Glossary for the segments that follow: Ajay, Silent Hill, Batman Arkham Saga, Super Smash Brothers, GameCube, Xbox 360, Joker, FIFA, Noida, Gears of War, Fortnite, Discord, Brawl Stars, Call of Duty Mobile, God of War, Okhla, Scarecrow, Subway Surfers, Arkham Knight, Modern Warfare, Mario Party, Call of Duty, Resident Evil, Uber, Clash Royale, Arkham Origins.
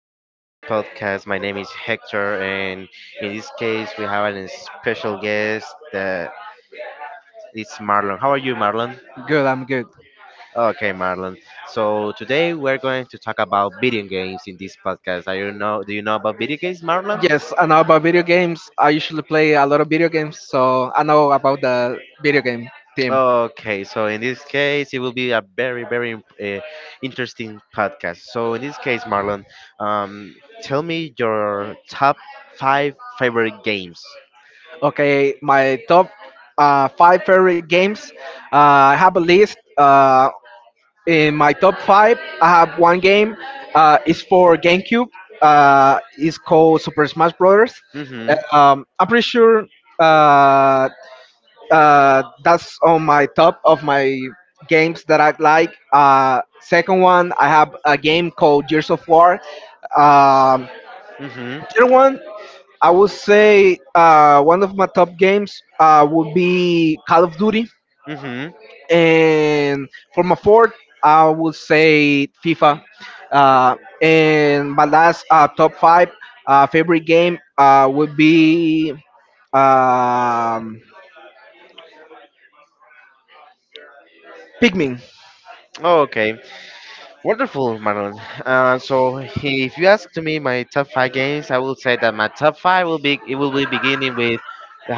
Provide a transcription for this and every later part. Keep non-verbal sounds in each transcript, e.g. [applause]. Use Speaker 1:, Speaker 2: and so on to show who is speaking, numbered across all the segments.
Speaker 1: being in this podcast. My name is Hector, and in this case, we have a special guest that it's Marlon. How are you, Marlon?
Speaker 2: Good, I'm good.
Speaker 1: Okay, Marlon. So today we're going to talk about video games in this podcast. Are you know? Do you know about video games, Marlon?
Speaker 2: Yes, I know about video games. I usually play a lot of video games, so I know about the video game team.
Speaker 1: Okay, so in this case, it will be a very, very interesting podcast. So in this case, Marlon, um, tell me your top five favorite games.
Speaker 2: Okay, my top five favorite games. I have a list. In my top five, I have one game. It's for GameCube. It's called Super Smash Brothers.
Speaker 1: Mm-hmm.
Speaker 2: I'm pretty sure uh, that's on my top of my games that I like. Second one, I have a game called Gears of War. Um,
Speaker 1: Mhm.
Speaker 2: Third one, I would say one of my top games would be Call of Duty,
Speaker 1: Mhm.
Speaker 2: and for my fourth, I would say FIFA. And my last top five favorite game would be um, Pikmin.
Speaker 1: Okay, wonderful, Marlon. If you ask to me my top five games, I will say that my top five will be it will be beginning with.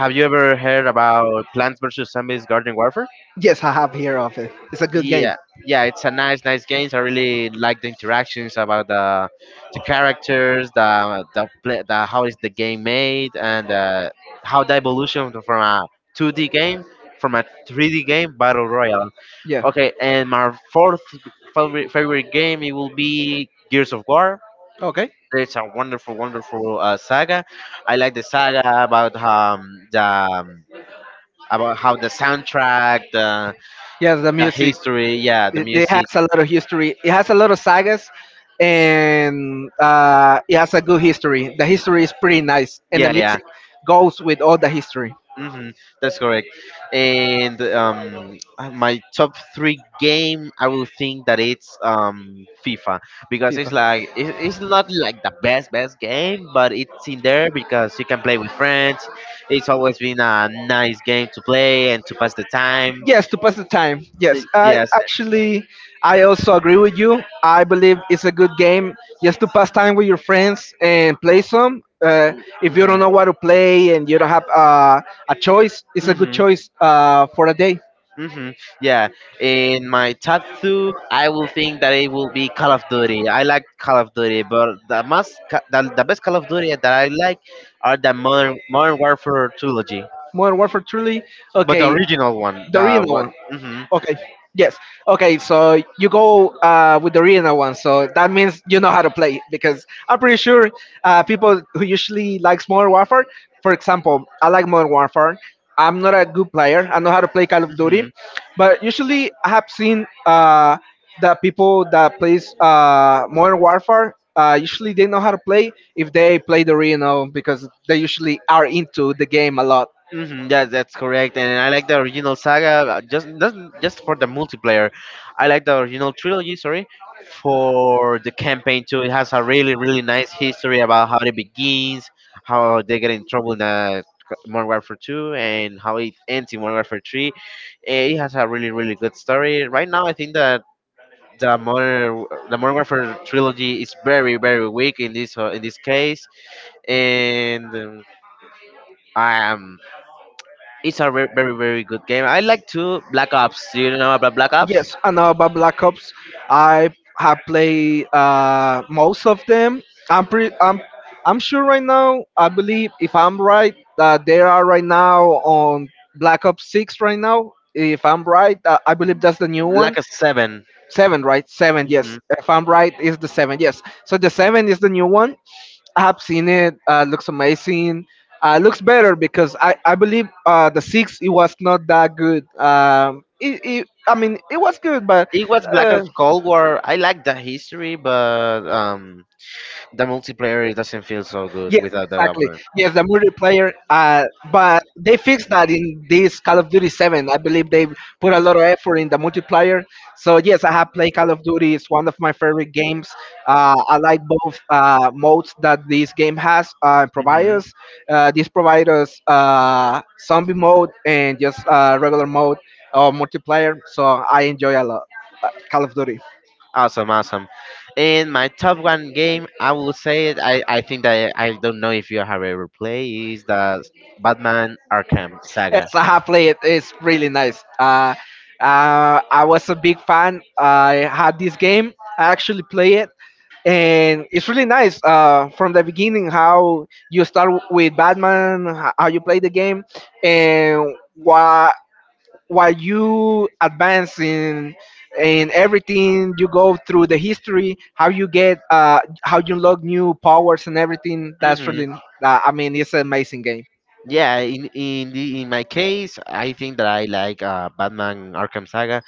Speaker 1: Have you ever heard about Plants vs Zombies Garden Warfare?
Speaker 2: Yes, I have heard of it. It's a good game.
Speaker 1: Yeah, yeah, it's a nice games. I really like the interactions about the characters, the play, the how is the game made, and how the evolution from a 2d game, from a 3d game, battle royale.
Speaker 2: Yeah.
Speaker 1: Okay, and my fourth favorite game it will be Gears of War.
Speaker 2: Okay.
Speaker 1: It's a wonderful saga. I like the saga about the about how the soundtrack,
Speaker 2: Yes, the
Speaker 1: the
Speaker 2: music.
Speaker 1: history, yeah, the
Speaker 2: It has
Speaker 1: music,
Speaker 2: a lot of history. It has a lot of sagas, and it has a good history. The history is pretty nice, and the
Speaker 1: yeah, yeah.
Speaker 2: music goes with all the history.
Speaker 1: hmm That's correct. And my top three game, I will think that it's FIFA, because it's
Speaker 2: FIFA.
Speaker 1: like it's not like the best game, but it's in there because you can play with friends. It's always been a nice game to play and to pass the time.
Speaker 2: Yes, to pass the time. Yes, I
Speaker 1: Yes.
Speaker 2: actually I also agree with you. I believe it's a good game just to pass time with your friends and play some. If you don't know what to play and you don't have a choice, it's a good
Speaker 1: hmm
Speaker 2: choice for a day.
Speaker 1: hmm Yeah, in my top two, I will think that it will be Call of Duty. I like Call of Duty, but the most, the best Call of Duty that I like are the Modern Warfare trilogy,
Speaker 2: Modern Warfare Truly.
Speaker 1: but the
Speaker 2: Okay,
Speaker 1: original one.
Speaker 2: the
Speaker 1: The
Speaker 2: original
Speaker 1: what?
Speaker 2: one. Okay. Yes. Okay. So you go with the Arena one. So that means you know how to play, because I'm pretty sure people who usually likes Modern Warfare, for example, I like Modern Warfare. I'm not a good player. I know how to play Call of
Speaker 1: hmm
Speaker 2: Duty, but usually I have seen that people that plays Modern Warfare. Usually they know how to play if they play
Speaker 1: hmm
Speaker 2: the Arena, because they usually are into the game a lot.
Speaker 1: yeah, that's correct. And I like the original saga, just not just for the multiplayer. I like the original trilogy, sorry, for the campaign too. It has a really, really nice history about how it begins, how they get in trouble in the Modern Warfare 2, and how it ends in Modern Warfare 3. It has a really, really good story. Right now, I think that the Modern Warfare trilogy is very, very weak in this case, and. Um, it's a very, very, very good game. I like to Black Ops. Do you know about Black Ops?
Speaker 2: Yes, I know about Black Ops. I have played most of them. I'm pretty. I'm. I'm sure right now. I believe, if I'm right, that they are right now on Black Ops 6 right now. If I'm right, I believe that's the new one.
Speaker 1: Black Ops 7.
Speaker 2: Seven, right? Seven, yes.
Speaker 1: Mhm.
Speaker 2: If I'm right, is the seven, yes. So the seven is the new one. I have seen it. Looks amazing. Looks better, because I believe the six it was not that good. I mean, it was good, but
Speaker 1: It was Black
Speaker 2: uh,
Speaker 1: Ops Cold War. I like the history, but the multiplayer it doesn't feel so good
Speaker 2: yes,
Speaker 1: without the
Speaker 2: exactly.
Speaker 1: other.
Speaker 2: Yes, the multiplayer. But they fixed that in this Call of Duty 7. I believe they put a lot of effort in the multiplayer. So yes, I have played Call of Duty. It's one of my favorite games. I like both modes that this game has provide
Speaker 1: hmm
Speaker 2: us. This provides us zombie mode and just regular mode or multiplayer. So I enjoy a lot Call of Duty.
Speaker 1: Awesome, awesome. In my top one game, I will say it. I think that I don't know if you have ever played is the Batman Arkham
Speaker 2: Yes,
Speaker 1: Saga.
Speaker 2: I have played it. It's really nice. I was a big fan. I had this game. I actually play it, and it's really nice. From the beginning, how you start with Batman, how you play the game, and why, while you advance in everything, you go through the history, how you get, how you unlock new powers, and everything. That's
Speaker 1: hmm
Speaker 2: really, I mean, it's an amazing game.
Speaker 1: Yeah, in my case, I think that I like Batman Arkham Saga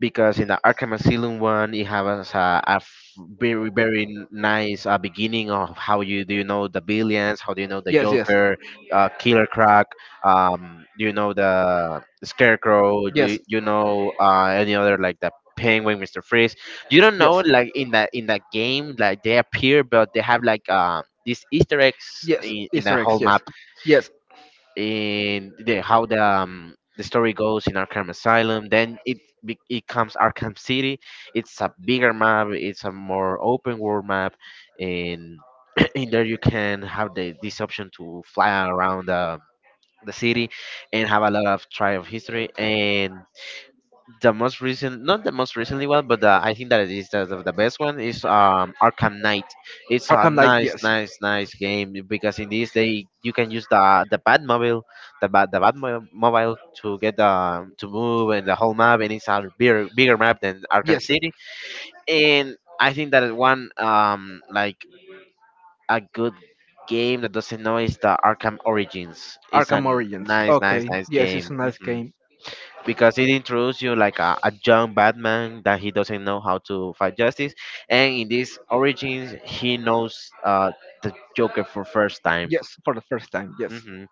Speaker 1: because in the Arkham Asylum one, it has a very nice beginning of how you do you know the billions, how do you know the
Speaker 2: Yes, yes,
Speaker 1: Joker, Killer Croc, do you know the Scarecrow,
Speaker 2: yes,
Speaker 1: you know any other like the Penguin, Mister Freeze. You don't know
Speaker 2: yes,
Speaker 1: like in that game like they appear, but they have like these Easter eggs
Speaker 2: yes.
Speaker 1: in the
Speaker 2: Easter eggs.
Speaker 1: whole
Speaker 2: Yes,
Speaker 1: map,
Speaker 2: yes.
Speaker 1: in the how the story goes in Arkham Asylum. Then it comes Arkham City. It's a bigger map. It's a more open world map, and [clears throat] in there you can have the this option to fly around the city and have a lot of try of history. And the most recent not the most recently one, but I think that it is the best one is Arkham Knight. It's a
Speaker 2: Arkham Knight.
Speaker 1: nice
Speaker 2: Yes,
Speaker 1: nice nice game because in this they you can use the batmobile, mobile to get the to move and the whole map, and it's a bigger map than Arkham
Speaker 2: yes.
Speaker 1: City. And I think that it one like a good game that doesn't know is the Arkham Origins. It's a
Speaker 2: Arkham Origins.
Speaker 1: nice
Speaker 2: Okay.
Speaker 1: nice
Speaker 2: Yes,
Speaker 1: game.
Speaker 2: it's a nice game.
Speaker 1: Because it introduces you like a young Batman that he doesn't know how to fight justice, and in this origins he knows the Joker for first time.
Speaker 2: Yes, for the first time. Yes.
Speaker 1: hmm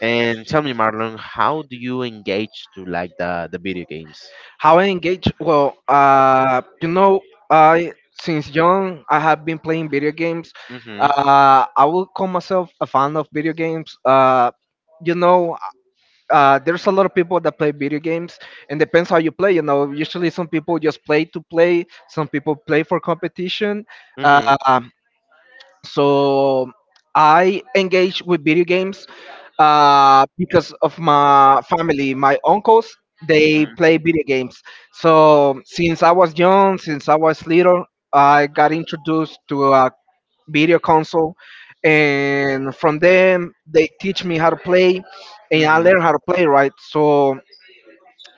Speaker 1: And tell me, Marlon, how do you engage to like the video games?
Speaker 2: How I engage? Well, you know, I since young I have been playing video games.
Speaker 1: Hmm
Speaker 2: I will call myself a fan of video games. You know, there's a lot of people that play video games, and depends how you play, you know, usually some people just play to play, some people play for competition. uh,
Speaker 1: hmm
Speaker 2: so I engage with video games because of my family, my uncles, they
Speaker 1: hmm
Speaker 2: play video games. So since I was young, since I was little, I got introduced to a video console, and from them they teach me how to play, and I
Speaker 1: hmm
Speaker 2: learn how to play, right? So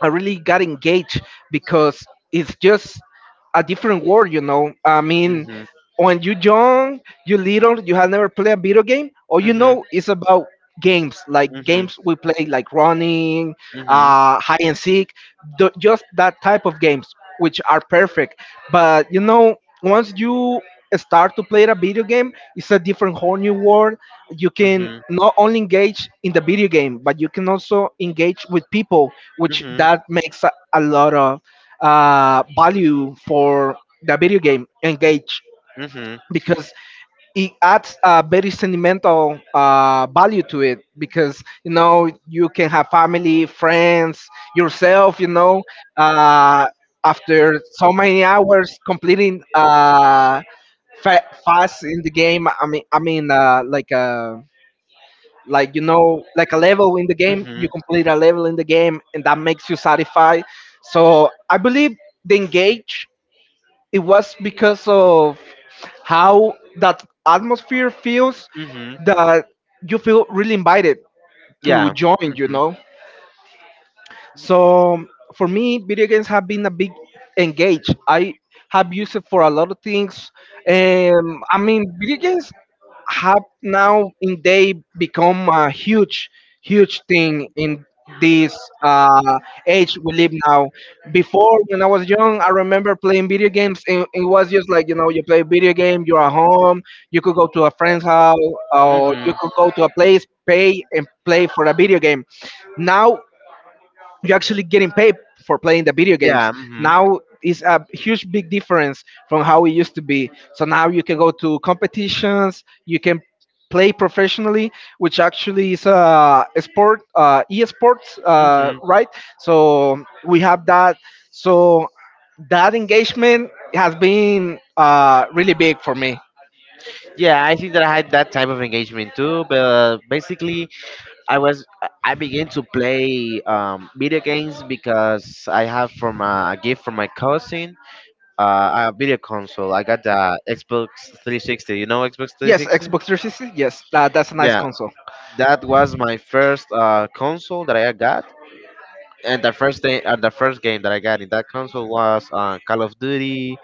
Speaker 2: I really got engaged, because it's just a different world. I mean, when you young, you little, you have never played a video game, all you
Speaker 1: hmm
Speaker 2: know is about games, like
Speaker 1: hmm
Speaker 2: games we play, like running,
Speaker 1: hmm hmm
Speaker 2: hide and seek, just that type of games, which are perfect. But once you start to play a video game, it's a different whole new world. You can not only engage in the video game, but you can also engage with people, which
Speaker 1: hmm
Speaker 2: that makes a lot of value for the video game engage,
Speaker 1: hmm
Speaker 2: because it adds a very sentimental value to it, because you can have family, friends, yourself, uh, after so many hours completing fast in the game. I mean, like, like, like a level in the game.
Speaker 1: hmm
Speaker 2: You complete a level in the game, and that makes you satisfied. So I believe the engage, it was because of how that atmosphere feels, that you feel really invited to join. So for me, video games have been a big engage. I have used it for a lot of things. I mean, video games have now in day become a huge, huge thing in this uh, age we live now. Before, when I was young, I remember playing video games. And it was just like, you play video game, you're at home, you could go to a friend's house, or you could go to a place, pay, and play for a video game. Now you actually getting paid for playing the video games.
Speaker 1: Yeah.
Speaker 2: Now is a huge big difference from how it used to be. So now you can go to competitions, you can play professionally, which actually is a sport, esports,
Speaker 1: Mhm.
Speaker 2: right? So we have that. So that engagement has been really big for me.
Speaker 1: Yeah, I think that I had that type of engagement too. But basically, I was I began to play video games because I have from a gift from my cousin a video console. I got the Xbox 360. You know Xbox
Speaker 2: Yes,
Speaker 1: 360?
Speaker 2: Xbox 360. Yes, that's a nice
Speaker 1: Yeah,
Speaker 2: console.
Speaker 1: that was my first console that I got, and the first thing, the first game that I got in that console was Call of Duty.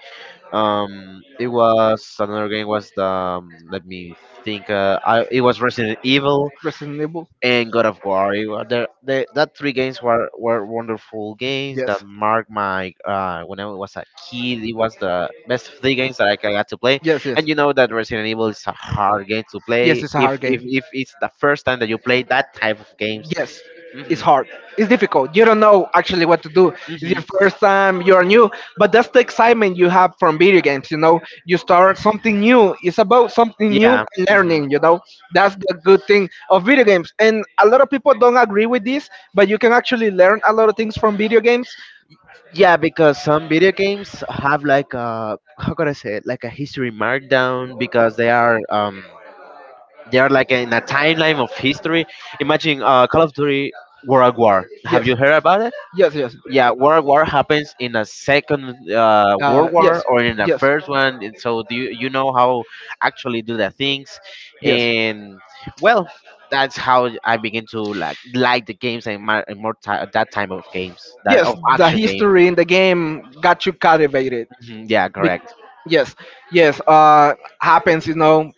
Speaker 1: It was another game was the let me think. I It was Resident Evil
Speaker 2: Resident Evil.
Speaker 1: and God of War. It, wa- the, That three games were wonderful games that
Speaker 2: Yes,
Speaker 1: marked my when I was a kid. It was the best three games that got to play.
Speaker 2: yes, yes,
Speaker 1: And you know that Resident Evil is a hard game to
Speaker 2: yes.
Speaker 1: play,
Speaker 2: It's a
Speaker 1: if
Speaker 2: hard game.
Speaker 1: it's the first time that you play that type of games.
Speaker 2: Yes, it's
Speaker 1: hmm
Speaker 2: hard, it's difficult. You don't know actually what to do. It's
Speaker 1: hmm
Speaker 2: your first time, you're new, but that's the excitement you have from video games, you start something new, it's about something new
Speaker 1: Yeah.
Speaker 2: and
Speaker 1: Mhm.
Speaker 2: learning, that's the good thing of video games, and a lot of people don't agree with this, but you can actually learn a lot of things from video games.
Speaker 1: Yeah, because some video games have like a how could I say it, like a history markdown because they are like in a timeline of history. Imagine Call of Duty World War. Have
Speaker 2: Yes,
Speaker 1: you heard about it?
Speaker 2: yes, yes,
Speaker 1: Yeah, World War happens in a second World
Speaker 2: yes,
Speaker 1: War or in the
Speaker 2: yes,
Speaker 1: first one, and so do you, you know how actually do the things,
Speaker 2: yes,
Speaker 1: and well, that's how I begin to like the games and more ti that type of games that
Speaker 2: yes,
Speaker 1: of
Speaker 2: the
Speaker 1: action games.
Speaker 2: history in the game got you captivated.
Speaker 1: Mhm, yeah,
Speaker 2: Be-
Speaker 1: correct.
Speaker 2: yes, yes. Happens.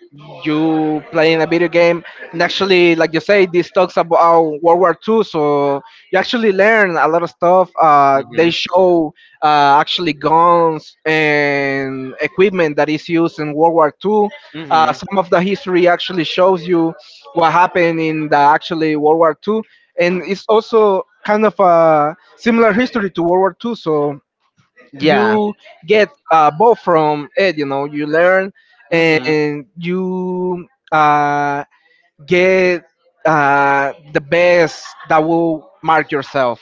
Speaker 2: You playing a video game, and actually, like you say, this talks about World War II. So you actually learn a lot of stuff. They
Speaker 1: Mhm.
Speaker 2: show actually guns and equipment that is used in World War II.
Speaker 1: Mhm.
Speaker 2: Some of the history actually shows you what happened in the actually World War II, and it's also kind of a similar history to World War II. So
Speaker 1: Yeah.
Speaker 2: you get both from it, you learn,
Speaker 1: Mhm.
Speaker 2: and you uh, get the best that will mark yourself.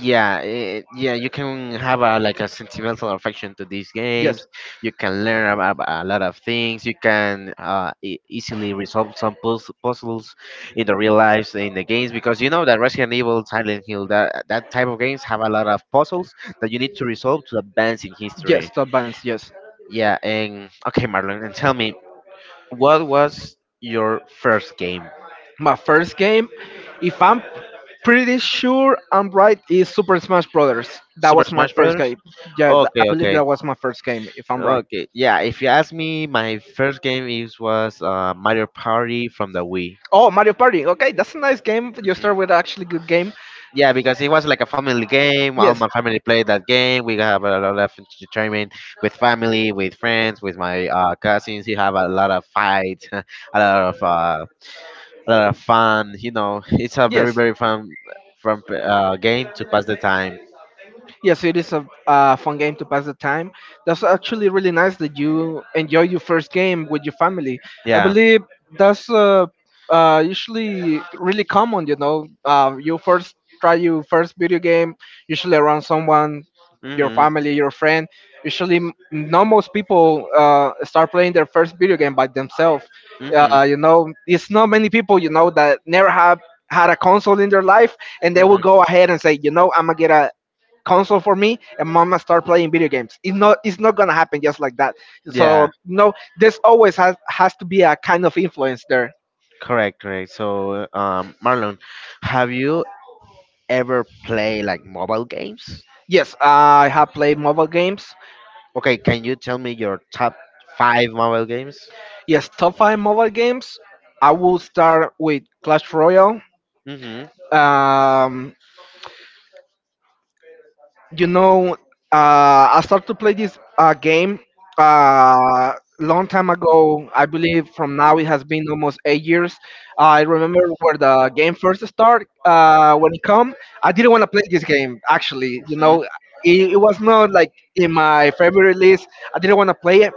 Speaker 1: Yeah, yeah, you can have a like a sentimental affection to these
Speaker 2: Yes,
Speaker 1: games. You can learn about a lot of things. You can easily resolve some puzzles in the real lives in the games because you know that Resident Evil, Silent Hill, that type of games have a lot of puzzles that you need to resolve to advance in
Speaker 2: yes,
Speaker 1: history.
Speaker 2: to advance, yes.
Speaker 1: Yeah, and okay, Marlon, and tell me, what was your first game?
Speaker 2: My first game, if I'm pretty sure I'm right, is Super Smash Brothers. That
Speaker 1: Super
Speaker 2: was my
Speaker 1: Smash
Speaker 2: first
Speaker 1: Brothers?
Speaker 2: game. Yeah, I
Speaker 1: Okay,
Speaker 2: believe
Speaker 1: okay,
Speaker 2: that was my first game, if I'm right.
Speaker 1: okay. Yeah, if you ask me, my first game is was Mario Party from the Wii.
Speaker 2: Oh, Mario Party. Okay, that's a nice game. You
Speaker 1: Mhm.
Speaker 2: start with actually good game.
Speaker 1: Yeah, because it was like a family game. All
Speaker 2: Yes,
Speaker 1: my family played that game. We have a lot of entertainment with family, with friends, with my cousins. We have a lot of fights, [laughs] a lot of that are fun. You know, it's a very
Speaker 2: yes.
Speaker 1: very fun game to pass the time.
Speaker 2: Yes, it is a fun game to pass the time. That's actually really nice that you enjoy your first game with your family. I
Speaker 1: Yeah.
Speaker 2: believe that's usually really common, you know. You first try your first video game, usually around someone, your
Speaker 1: Mhm.
Speaker 2: family, your friend. Usually, not most people start playing their first video game by themselves.
Speaker 1: Mhm.
Speaker 2: It's not many people, that never have had a console in their life, and they will
Speaker 1: Mhm.
Speaker 2: go ahead and say, I'm gonna get a console for me and mama start playing video games. It's not, it's not gonna happen just like that.
Speaker 1: Yeah.
Speaker 2: So no, this always has to be a kind of influence there.
Speaker 1: Correct. Correct. So, Marlon, have you ever play like mobile games?
Speaker 2: Yes, I have played mobile games.
Speaker 1: Okay, can you tell me your top five mobile games?
Speaker 2: Yes, top five mobile games. I will start with Clash Royale.
Speaker 1: Mm-hmm.
Speaker 2: um you know, I started to play this game uh, long time ago. I believe from now it has been almost 8 years. I remember where the game first started. When it come, I didn't want to play this game. Actually,
Speaker 1: Mm-hmm.
Speaker 2: it was not like in my favorite list. I didn't want to play it,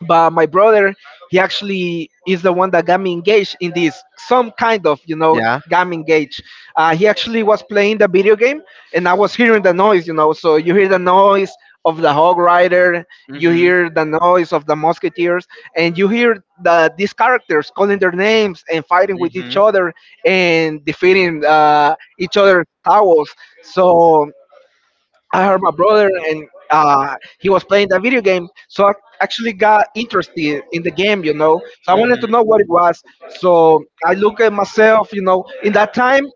Speaker 2: but my brother, he actually is the one that got me engaged in this, some kind of,
Speaker 1: Yeah.
Speaker 2: got me engaged. He actually was playing the video game, and I was hearing the noise, so you hear the noise of the hog rider, you
Speaker 1: Mhm.
Speaker 2: hear the noise of the musketeers, and you hear the these characters calling their names and fighting with each
Speaker 1: Mhm.
Speaker 2: other and defeating each other's towers. So I heard my brother, and he was playing that video game, so I actually got interested in the game, you know. So I wanted
Speaker 1: Mhm.
Speaker 2: to know what it was. So I look at myself, you know. In that time,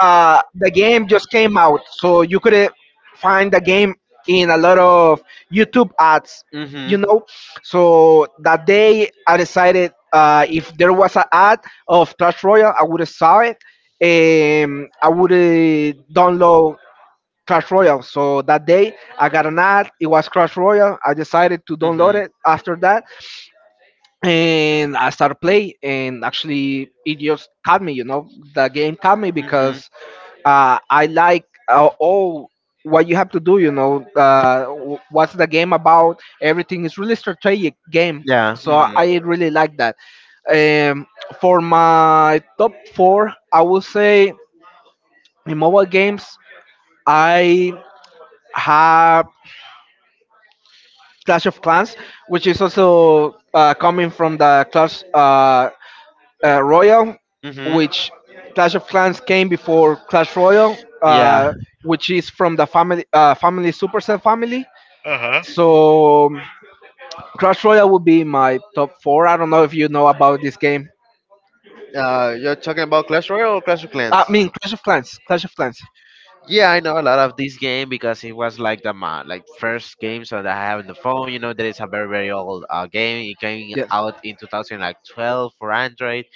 Speaker 2: the game just came out, so you could find the game in a lot of YouTube ads, you
Speaker 1: Mhm.
Speaker 2: know. So that day, I decided, if there was an ad of Clash Royale, I would have saw it, and I would download Crash Royale. So that day I got an ad. It was Crash Royale. I decided to download
Speaker 1: Mhm.
Speaker 2: it after that, and I started play. And actually, it just caught me. You know, the game caught me
Speaker 1: Mhm.
Speaker 2: because I like all what you have to do. You know, what's the game about? Everything is really strategic game.
Speaker 1: Yeah.
Speaker 2: So
Speaker 1: Mhm.
Speaker 2: I really like that. Um, for my top four, I will say in mobile games, I have Clash of Clans, which is also coming from the Clash Royale,
Speaker 1: Mhm.
Speaker 2: which, Clash of Clans came before Clash Royale,
Speaker 1: Yeah.
Speaker 2: which is from the family Supercell family.
Speaker 1: Uh huh.
Speaker 2: So Clash Royale would be my top four. I don't know if you know about this game.
Speaker 1: You're talking about Clash Royale or Clash of Clans?
Speaker 2: I mean Clash of Clans. Clash of Clans.
Speaker 1: Yeah, I know a lot of this game because it was like first game so that I have on the phone. You know, that is a very very old game. It came
Speaker 2: Yes.
Speaker 1: out in 2012 for Android,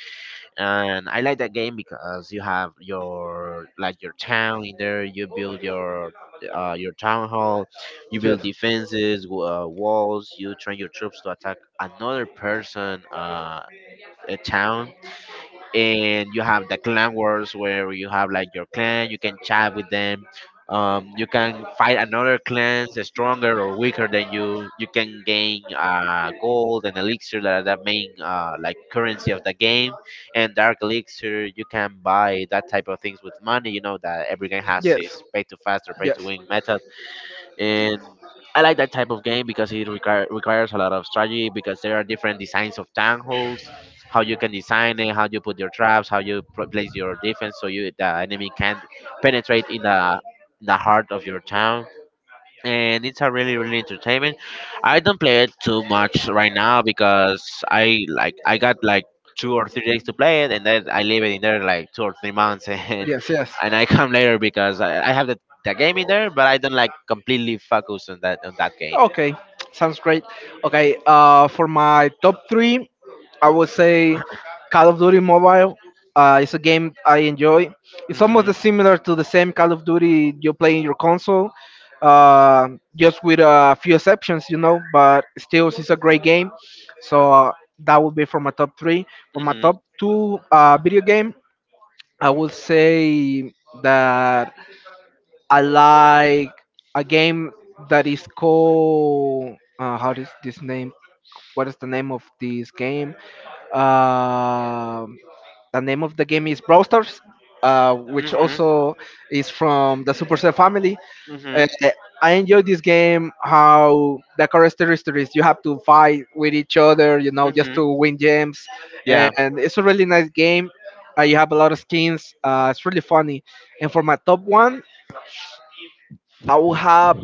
Speaker 1: and I like that game because you have your like your town in there. You build your town hall, you build
Speaker 2: Yes.
Speaker 1: defenses, walls. You train your troops to attack another person, a town, and you
Speaker 2: That.
Speaker 1: have the clan wars where you have like your clan, you can chat with them, you can fight another clans that's stronger or weaker than you. You can gain gold and elixir that are the main like currency of the game and dark elixir. You can buy that type of things with money. You know that every game has its pay to fast or pay to win method. And I like that type of game because it requires a lot of strategy because there are different designs of tangles, how you can design it, how you put your traps, how you place your defense so you the enemy can't penetrate in the heart of your town, and it's a really really entertainment. I don't play it too much right now because I like I got like 2 or 3 days to play it, and then I leave it in there like 2 or 3 months, [laughs]
Speaker 2: Yes, yes.
Speaker 1: and I come later because I have the game in there, but I don't like completely focus on that game.
Speaker 2: Okay, sounds great. Okay, for my top three, I would say Call of Duty Mobile. It's a game I enjoy. It's
Speaker 1: Mhm.
Speaker 2: almost similar to the same Call of Duty you play in your console, uh, just with a few exceptions, you know. But still, it's a great game. So that would be for my top three. For my
Speaker 1: Mhm.
Speaker 2: top two video game, I would say that I like a game that is called, how is this name? What is the name of this game? Um the name of the game is Brawl Stars, which
Speaker 1: Mhm.
Speaker 2: also is from the Supercell family.
Speaker 1: Mhm.
Speaker 2: Uh, I enjoy this game. How the characteristic is you have to fight with each other, you know, just
Speaker 1: Mhm.
Speaker 2: to win gems,
Speaker 1: Yeah.
Speaker 2: and it's a really nice game. You have a lot of skins. It's really funny. And for my top one, I will have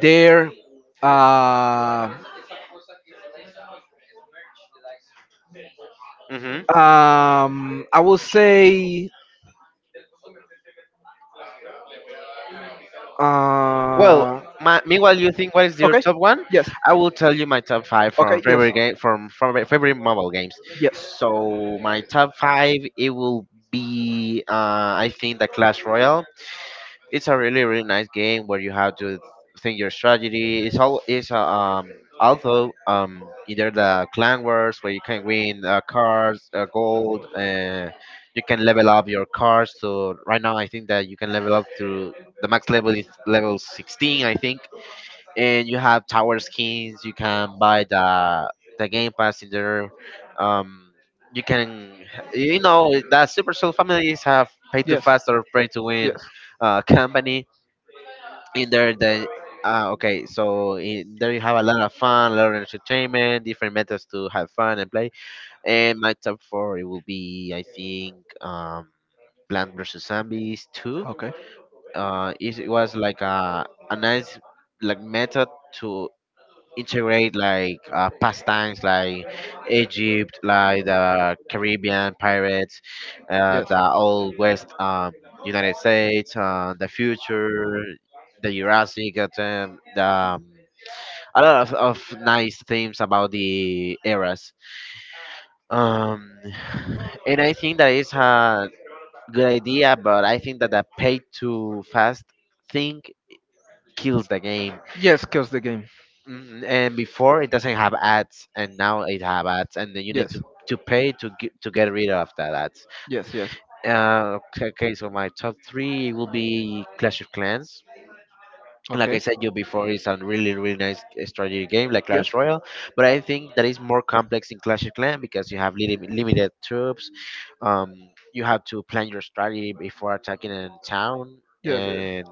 Speaker 2: their uh,
Speaker 1: Mhm.
Speaker 2: I will say
Speaker 1: Well,
Speaker 2: uh,
Speaker 1: meanwhile, you think what is your
Speaker 2: okay,
Speaker 1: top one?
Speaker 2: yes,
Speaker 1: I will tell you my top five from
Speaker 2: okay, yes,
Speaker 1: favorite game from my favorite mobile games.
Speaker 2: yes,
Speaker 1: So my top five it will be I think the Clash Royale. It's a really really nice game where you have to think your strategy. It's all it's Also, either the clan wars where you can win cards, gold. You can level up your cards. So right now I think that you can level up to the max level is level 16, I think, and you have tower skins. You can buy the Game Pass in there. Um, you can, you know, that Supercell families have pay to
Speaker 2: yes,
Speaker 1: fast or pay to win
Speaker 2: yes.
Speaker 1: company in there. Then, okay, so in there you have a lot of fun, a lot of entertainment, different methods to have fun and play. And my top four it will be, I think, Plant vs Zombies Two.
Speaker 2: Okay.
Speaker 1: It was like a nice like method to integrate like pastimes like Egypt, like the Caribbean pirates,
Speaker 2: Yes.
Speaker 1: the old West, United States, the future, the Jurassic, the a lot of nice themes about the eras. Um, [sighs] and I think that is a good idea, but I think that the pay to fast thing kills the game.
Speaker 2: Yes, kills the game.
Speaker 1: And before it doesn't have ads and now it have ads and then you need
Speaker 2: Yes,
Speaker 1: to pay to get rid of that ads.
Speaker 2: yes, yes.
Speaker 1: Okay, so my top three will be Clash of Clans. Like
Speaker 2: Okay.
Speaker 1: I said you before, it's a really really nice strategy game like
Speaker 2: Yes,
Speaker 1: Clash Royale, but I think that is more complex in Clash of Clans because you have limited troops. um you have to plan your strategy before attacking a town,
Speaker 2: yes, yes.
Speaker 1: and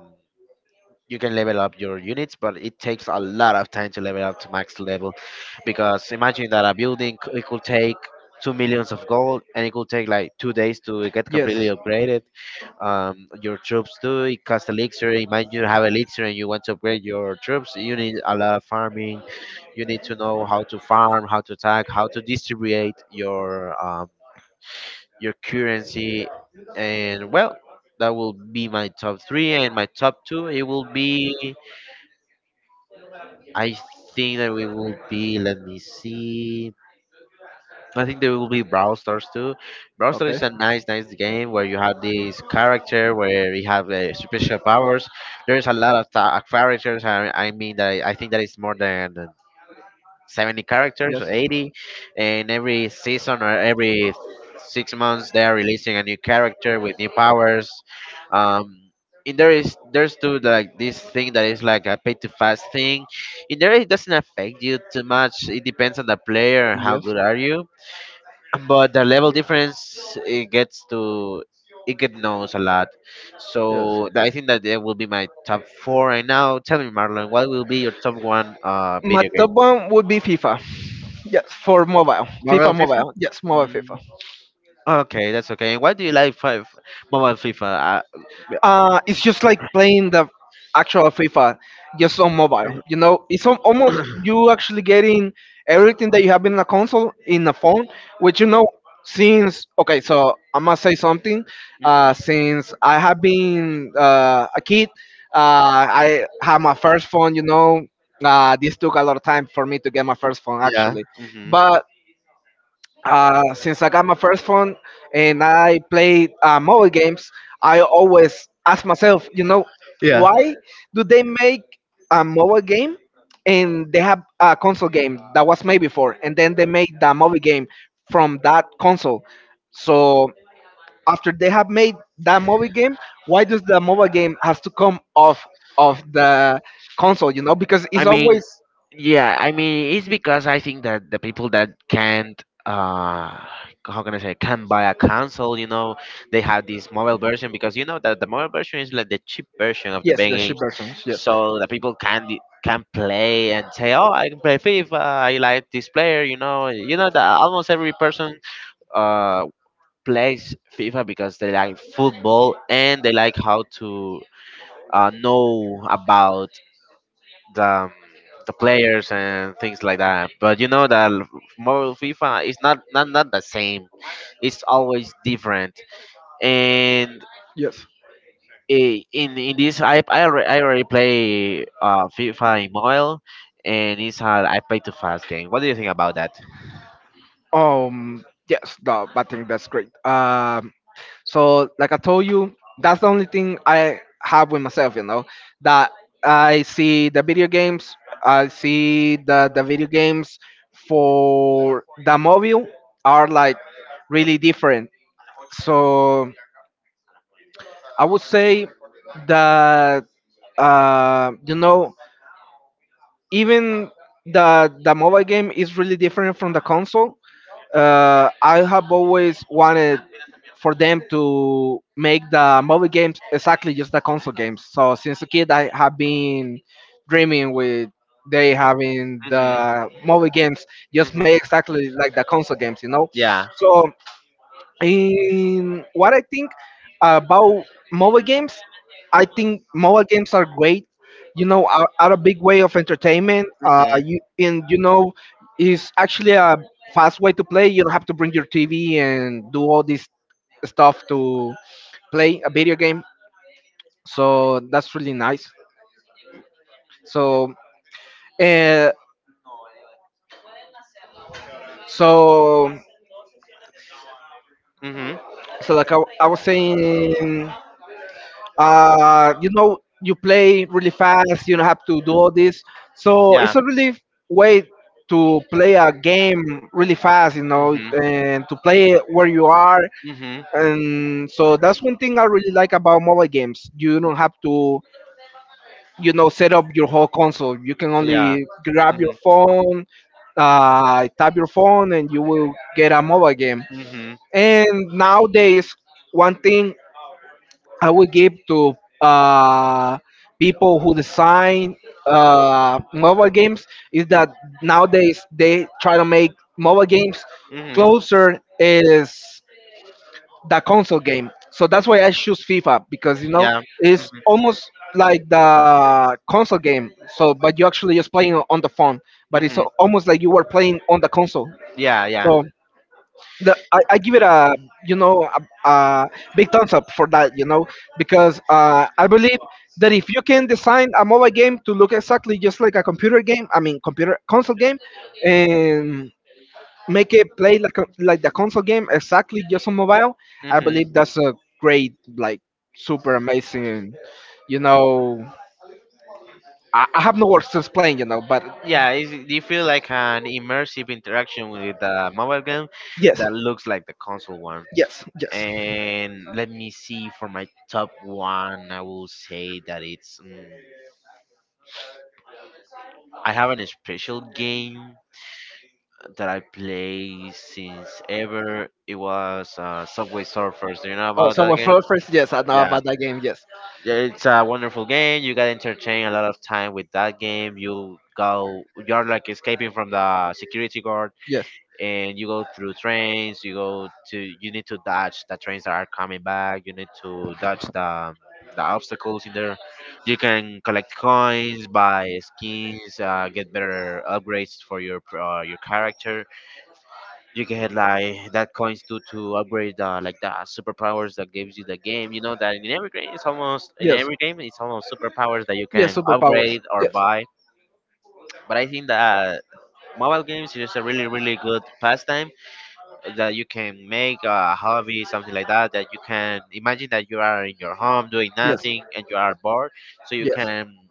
Speaker 1: you can level up your units, but it takes a lot of time to level up to max level. Because imagine that a building it could take two millions of gold, and it could take like 2 days to get completely
Speaker 2: Yes.
Speaker 1: upgraded. Your troops too. It costs elixir. Imagine you have elixir and you want to upgrade your troops. You need a lot of farming. You need to know how to farm, how to attack, how to distribute um, your currency, and well, that will be my top three. And my top two, it will be, I think that we will be. Let me see. I think there will be Brawl Stars too. Brawl Stars
Speaker 2: Okay.
Speaker 1: is a nice, nice game where you have this character where you have special powers. There's a lot of characters. I think that it's more than 70 characters,
Speaker 2: Yes,
Speaker 1: 80, and every season or every 6 months they are releasing a new character with new powers. Um, and there's too like this thing that is like a pay to fast thing. In there it doesn't affect you too much. It depends on the player and
Speaker 2: and
Speaker 1: how
Speaker 2: yes.
Speaker 1: good are you. But the level difference it gets knows a lot.
Speaker 2: Yes.
Speaker 1: So I think that that will be my top four right now. Tell me, Marlon, what will be your top one
Speaker 2: My
Speaker 1: video
Speaker 2: top
Speaker 1: game?
Speaker 2: one would be FIFA. Yes, for mobile.
Speaker 1: Marvel.
Speaker 2: FIFA mobile. Yes, mobile
Speaker 1: Mm,
Speaker 2: FIFA.
Speaker 1: okay, that's okay. And why do you like mobile FIFA?
Speaker 2: It's just like playing the actual FIFA just on mobile. You know, it's almost you actually getting everything that you have in a console in a phone, which you know, since, okay, so I must say something. Since I have been a kid, I had my first phone. You know, this took a lot of time for me to get my first phone
Speaker 1: Yeah.
Speaker 2: actually,
Speaker 1: hmm
Speaker 2: but since I got my first phone and I played mobile games, I always ask myself, you know,
Speaker 1: Yeah.
Speaker 2: why do they make a mobile game, and they have a console game that was made before, and then they make the mobile game from that console? So after they have made that mobile game, why does the mobile game has to come off of the console? You know, because
Speaker 1: I
Speaker 2: it's
Speaker 1: mean,
Speaker 2: always
Speaker 1: yeah. I mean, it's because I think that the people that can't, uh, how can I say, can not buy a console, you know, they have this mobile version because you know that the mobile version is like the cheap version of the
Speaker 2: yes,
Speaker 1: big
Speaker 2: the ship
Speaker 1: games,
Speaker 2: versions, yes.
Speaker 1: so the people can play and say, oh, I can play FIFA. I like this player, you know. You know that almost every person. uh, Plays FIFA because they like football and they like how to know about the um, the players and things like that. But you know that mobile FIFA is not the same. It's always different. And
Speaker 2: Yes.
Speaker 1: in this I already play FIFA in mobile, and it's hard. I play too fast game. What do you think about that?
Speaker 2: Yes, no, I think that's great. So like I told you, that's the only thing I have with myself. You know that I see the video games, I see the video games for the mobile are like really different. So I would say that uh, you know even the mobile game is really different from the console. I have always wanted for them to make the mobile games exactly just the console games. So since a kid, I have been dreaming with they having
Speaker 1: hmm
Speaker 2: the mobile games just made exactly
Speaker 1: hmm
Speaker 2: like the console games, you know.
Speaker 1: Yeah.
Speaker 2: So in what I think about mobile games, I think mobile games are great. Are a big way of entertainment.
Speaker 1: Mm-hmm.
Speaker 2: You and you know, is actually a fast way to play. You don't have to bring your TV and do all this stuff to play a video game. So that's really nice. So, uh, so,
Speaker 1: hmm
Speaker 2: so like I was saying, you know, you play really fast, you don't have to do all this, so
Speaker 1: Yeah.
Speaker 2: it's a really way to play a game really fast, you know,
Speaker 1: hmm
Speaker 2: and to play it where you are.
Speaker 1: hmm
Speaker 2: And so that's one thing I really like about mobile games. You don't have to, you know, set up your whole console, you can
Speaker 1: Yeah.
Speaker 2: only grab your phone, tap your phone and you will get a mobile game.
Speaker 1: hmm
Speaker 2: And nowadays one thing I would give to uh, people who design mobile games is that nowadays they try to make mobile games
Speaker 1: hmm
Speaker 2: closer is the
Speaker 1: hmm
Speaker 2: console game. So that's why I choose FIFA, because you know
Speaker 1: Yeah.
Speaker 2: it's almost
Speaker 1: Mhm.
Speaker 2: like the console game. So but you actually just playing on the phone, but it's
Speaker 1: Mhm.
Speaker 2: almost like you were playing on the console.
Speaker 1: Yeah, yeah.
Speaker 2: So the, I give it a, you know, a big thumbs up for that, you know, because I believe that if you can design a mobile game to look exactly just like a computer game, I mean computer console game, and make it play like a, like the console game exactly just on mobile, I
Speaker 1: Mhm.
Speaker 2: believe that's a great, like super amazing, you know, I have no words to explain, you know, but
Speaker 1: Yeah, it's, you feel like an immersive interaction with the mobile game
Speaker 2: yes,
Speaker 1: that looks like the console one.
Speaker 2: yes, yes.
Speaker 1: And let me see for my top one, I will say that it's I have an special game that I play since ever. It was Subway Surfers. Do you know
Speaker 2: Oh,
Speaker 1: about that
Speaker 2: so
Speaker 1: game?
Speaker 2: for first, yes, I know
Speaker 1: Yeah.
Speaker 2: about that game. Yes,
Speaker 1: Yeah, it's a wonderful game. You got entertained a lot of time with that game. You go, you're like escaping from the security guard,
Speaker 2: yes,
Speaker 1: and you go through trains. You go to, you need to dodge the trains that are coming back. You need to dodge the obstacles in there. You can collect coins, buy skins, get better upgrades for your character. You can get like that coins to upgrade the like the superpowers that gives you the game. You know that in every game it's almost in
Speaker 2: yes.
Speaker 1: every game it's almost superpowers that you
Speaker 2: Yes,
Speaker 1: can
Speaker 2: superpowers.
Speaker 1: upgrade or
Speaker 2: Yes,
Speaker 1: buy. But I think that mobile games is a really really good pastime that you can make a hobby something like that that you can imagine that you are in your home doing
Speaker 2: yes,
Speaker 1: nothing and you are bored, so you
Speaker 2: yes,
Speaker 1: can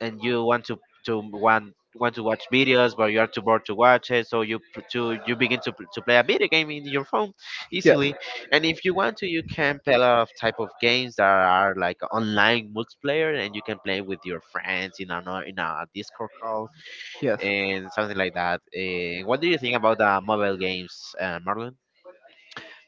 Speaker 1: and you want to want to watch videos but you are too bored to watch it so you begin to play a video game in your phone
Speaker 2: yes,
Speaker 1: easily, and if you want to you can play a lot of type of games that are like online multiplayer and you can play with your friends in a no, in a Discord call
Speaker 2: yes.
Speaker 1: and something like that. Eh, what do you think about the mobile games, Marlon?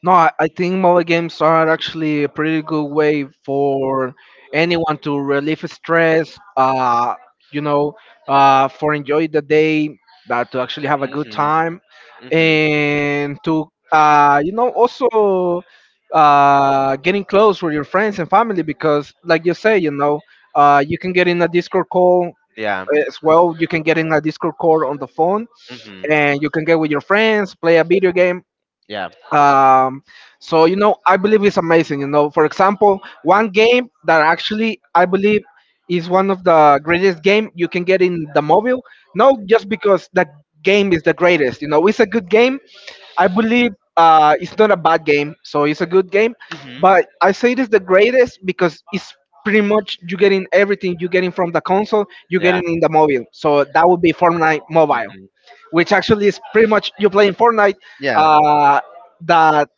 Speaker 2: No, I think mobile games are actually a pretty good way for anyone to relieve stress, you know, for enjoy the day, that to actually have a good
Speaker 1: hmm
Speaker 2: time,
Speaker 1: hmm
Speaker 2: and to, you know, also getting close with your friends and family because, like you say, you know, you can get in a Discord call.
Speaker 1: yeah.
Speaker 2: As well you can get in a discord core on the phone,
Speaker 1: hmm
Speaker 2: and you can get with your friends play a video game.
Speaker 1: Yeah.
Speaker 2: um so you know, I believe it's amazing. You know, for example, one game that actually I believe is one of the greatest game you can get in the mobile, not just because the game is the greatest. You know, it's a good game, I believe. Uh, it's not a bad game, so it's a good game,
Speaker 1: hmm
Speaker 2: but I say it is the greatest because it's pretty much you getting everything, you getting from the console, you
Speaker 1: Yeah.
Speaker 2: getting in the mobile. So that would be Fortnite mobile,
Speaker 1: hmm
Speaker 2: which actually is pretty much you playing Fortnite.
Speaker 1: Yeah.
Speaker 2: Uh, that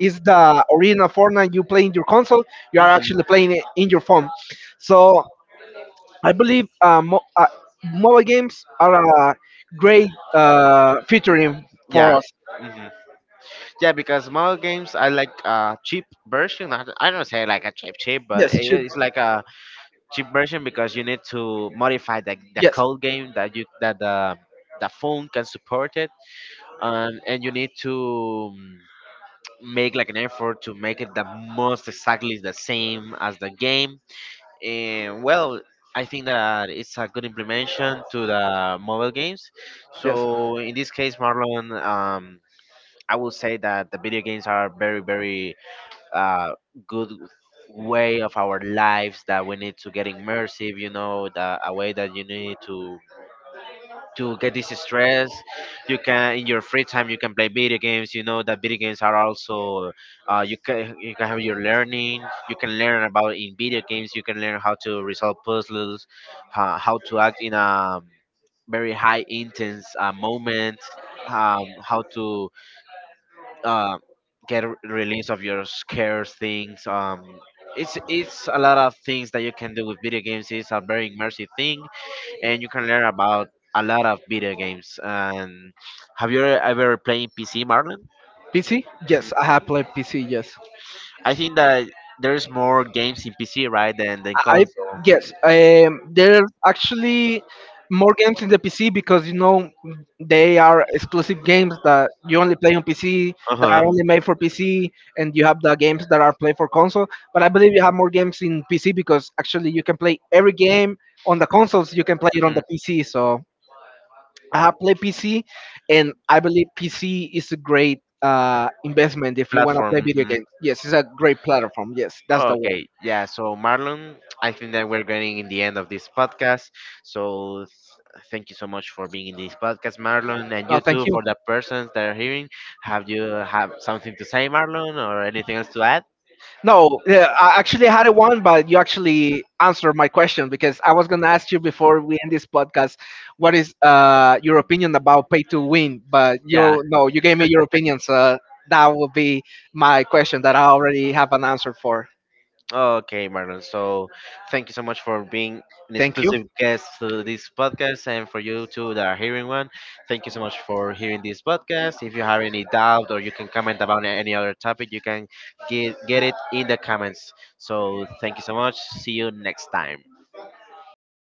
Speaker 2: is the original Fortnite you play in your console. You are
Speaker 1: hmm
Speaker 2: actually playing it in your phone. So I believe mobile games are a great featuring for
Speaker 1: Yeah.
Speaker 2: us.
Speaker 1: hmm Yeah, because mobile games I like a cheap version. I don't say like a cheap cheap,
Speaker 2: Yes,
Speaker 1: but
Speaker 2: should,
Speaker 1: it's like a cheap version because you need to modify the
Speaker 2: yes,
Speaker 1: code game that you that the phone can support it, and you need to mm, make like an effort to make it the most exactly the same as the game. And well, I think that it's a good implementation to the mobile games.
Speaker 2: yes.
Speaker 1: So in this case, Marlon. Um, I will say that the video games are very, very uh, good way of our lives that we need to get immersive. You know, the, a way that you need to get this stress. You can in your free time you can play video games. You know that video games are also you can have your learning. You can learn about in video games. You can learn how to resolve puzzles, how to act in a very high intense moment. How to uh, release of your scares things. It's a lot of things that you can do with video games. It's a very immersive thing, and you can learn about a lot of video games. And have you ever played PC, Marlon?
Speaker 2: PC?
Speaker 1: Mhm.
Speaker 2: Yes, I have played PC. Yes.
Speaker 1: I think that there's more games in PC, right, than
Speaker 2: I
Speaker 1: console.
Speaker 2: Yes, there's actually more games in the PC because you know they are exclusive games that you only play on PC,
Speaker 1: Uh
Speaker 2: that are
Speaker 1: huh.
Speaker 2: only made for PC, and you have the games that are played for console. But I believe you have more games in PC because actually you can play every game on the consoles. You can play it on
Speaker 1: hmm
Speaker 2: the PC. So I have played PC, and I believe PC is a great investment if you want to
Speaker 1: Platform.
Speaker 2: play video
Speaker 1: Mm-hmm.
Speaker 2: games. Yes, it's a great platform. Yes, that's the word.
Speaker 1: Okay, yeah. So Marlon, I think that we're getting in the end of this podcast. So thank you so much for being in this podcast, Marlon, and
Speaker 2: No,
Speaker 1: you
Speaker 2: thank
Speaker 1: too
Speaker 2: you.
Speaker 1: for the persons that are hearing. Have you have something to say, Marlon, or anything else to add?
Speaker 2: No, yeah, I actually had a one, but you actually answered my question, because I was going to ask you before we end this podcast, what is your opinion about pay to win? But
Speaker 1: Yeah.
Speaker 2: you, no, you gave me your opinion, so that would be my question that I already have an answer for.
Speaker 1: Okay, Marlon. So thank you so much for being an
Speaker 2: Thank you.
Speaker 1: exclusive guest to this podcast and for you too that are hearing one. Thank you so much for hearing this podcast. If you have any doubt or you can comment about any other topic, you can get it in the comments. So thank you so much. See you next time.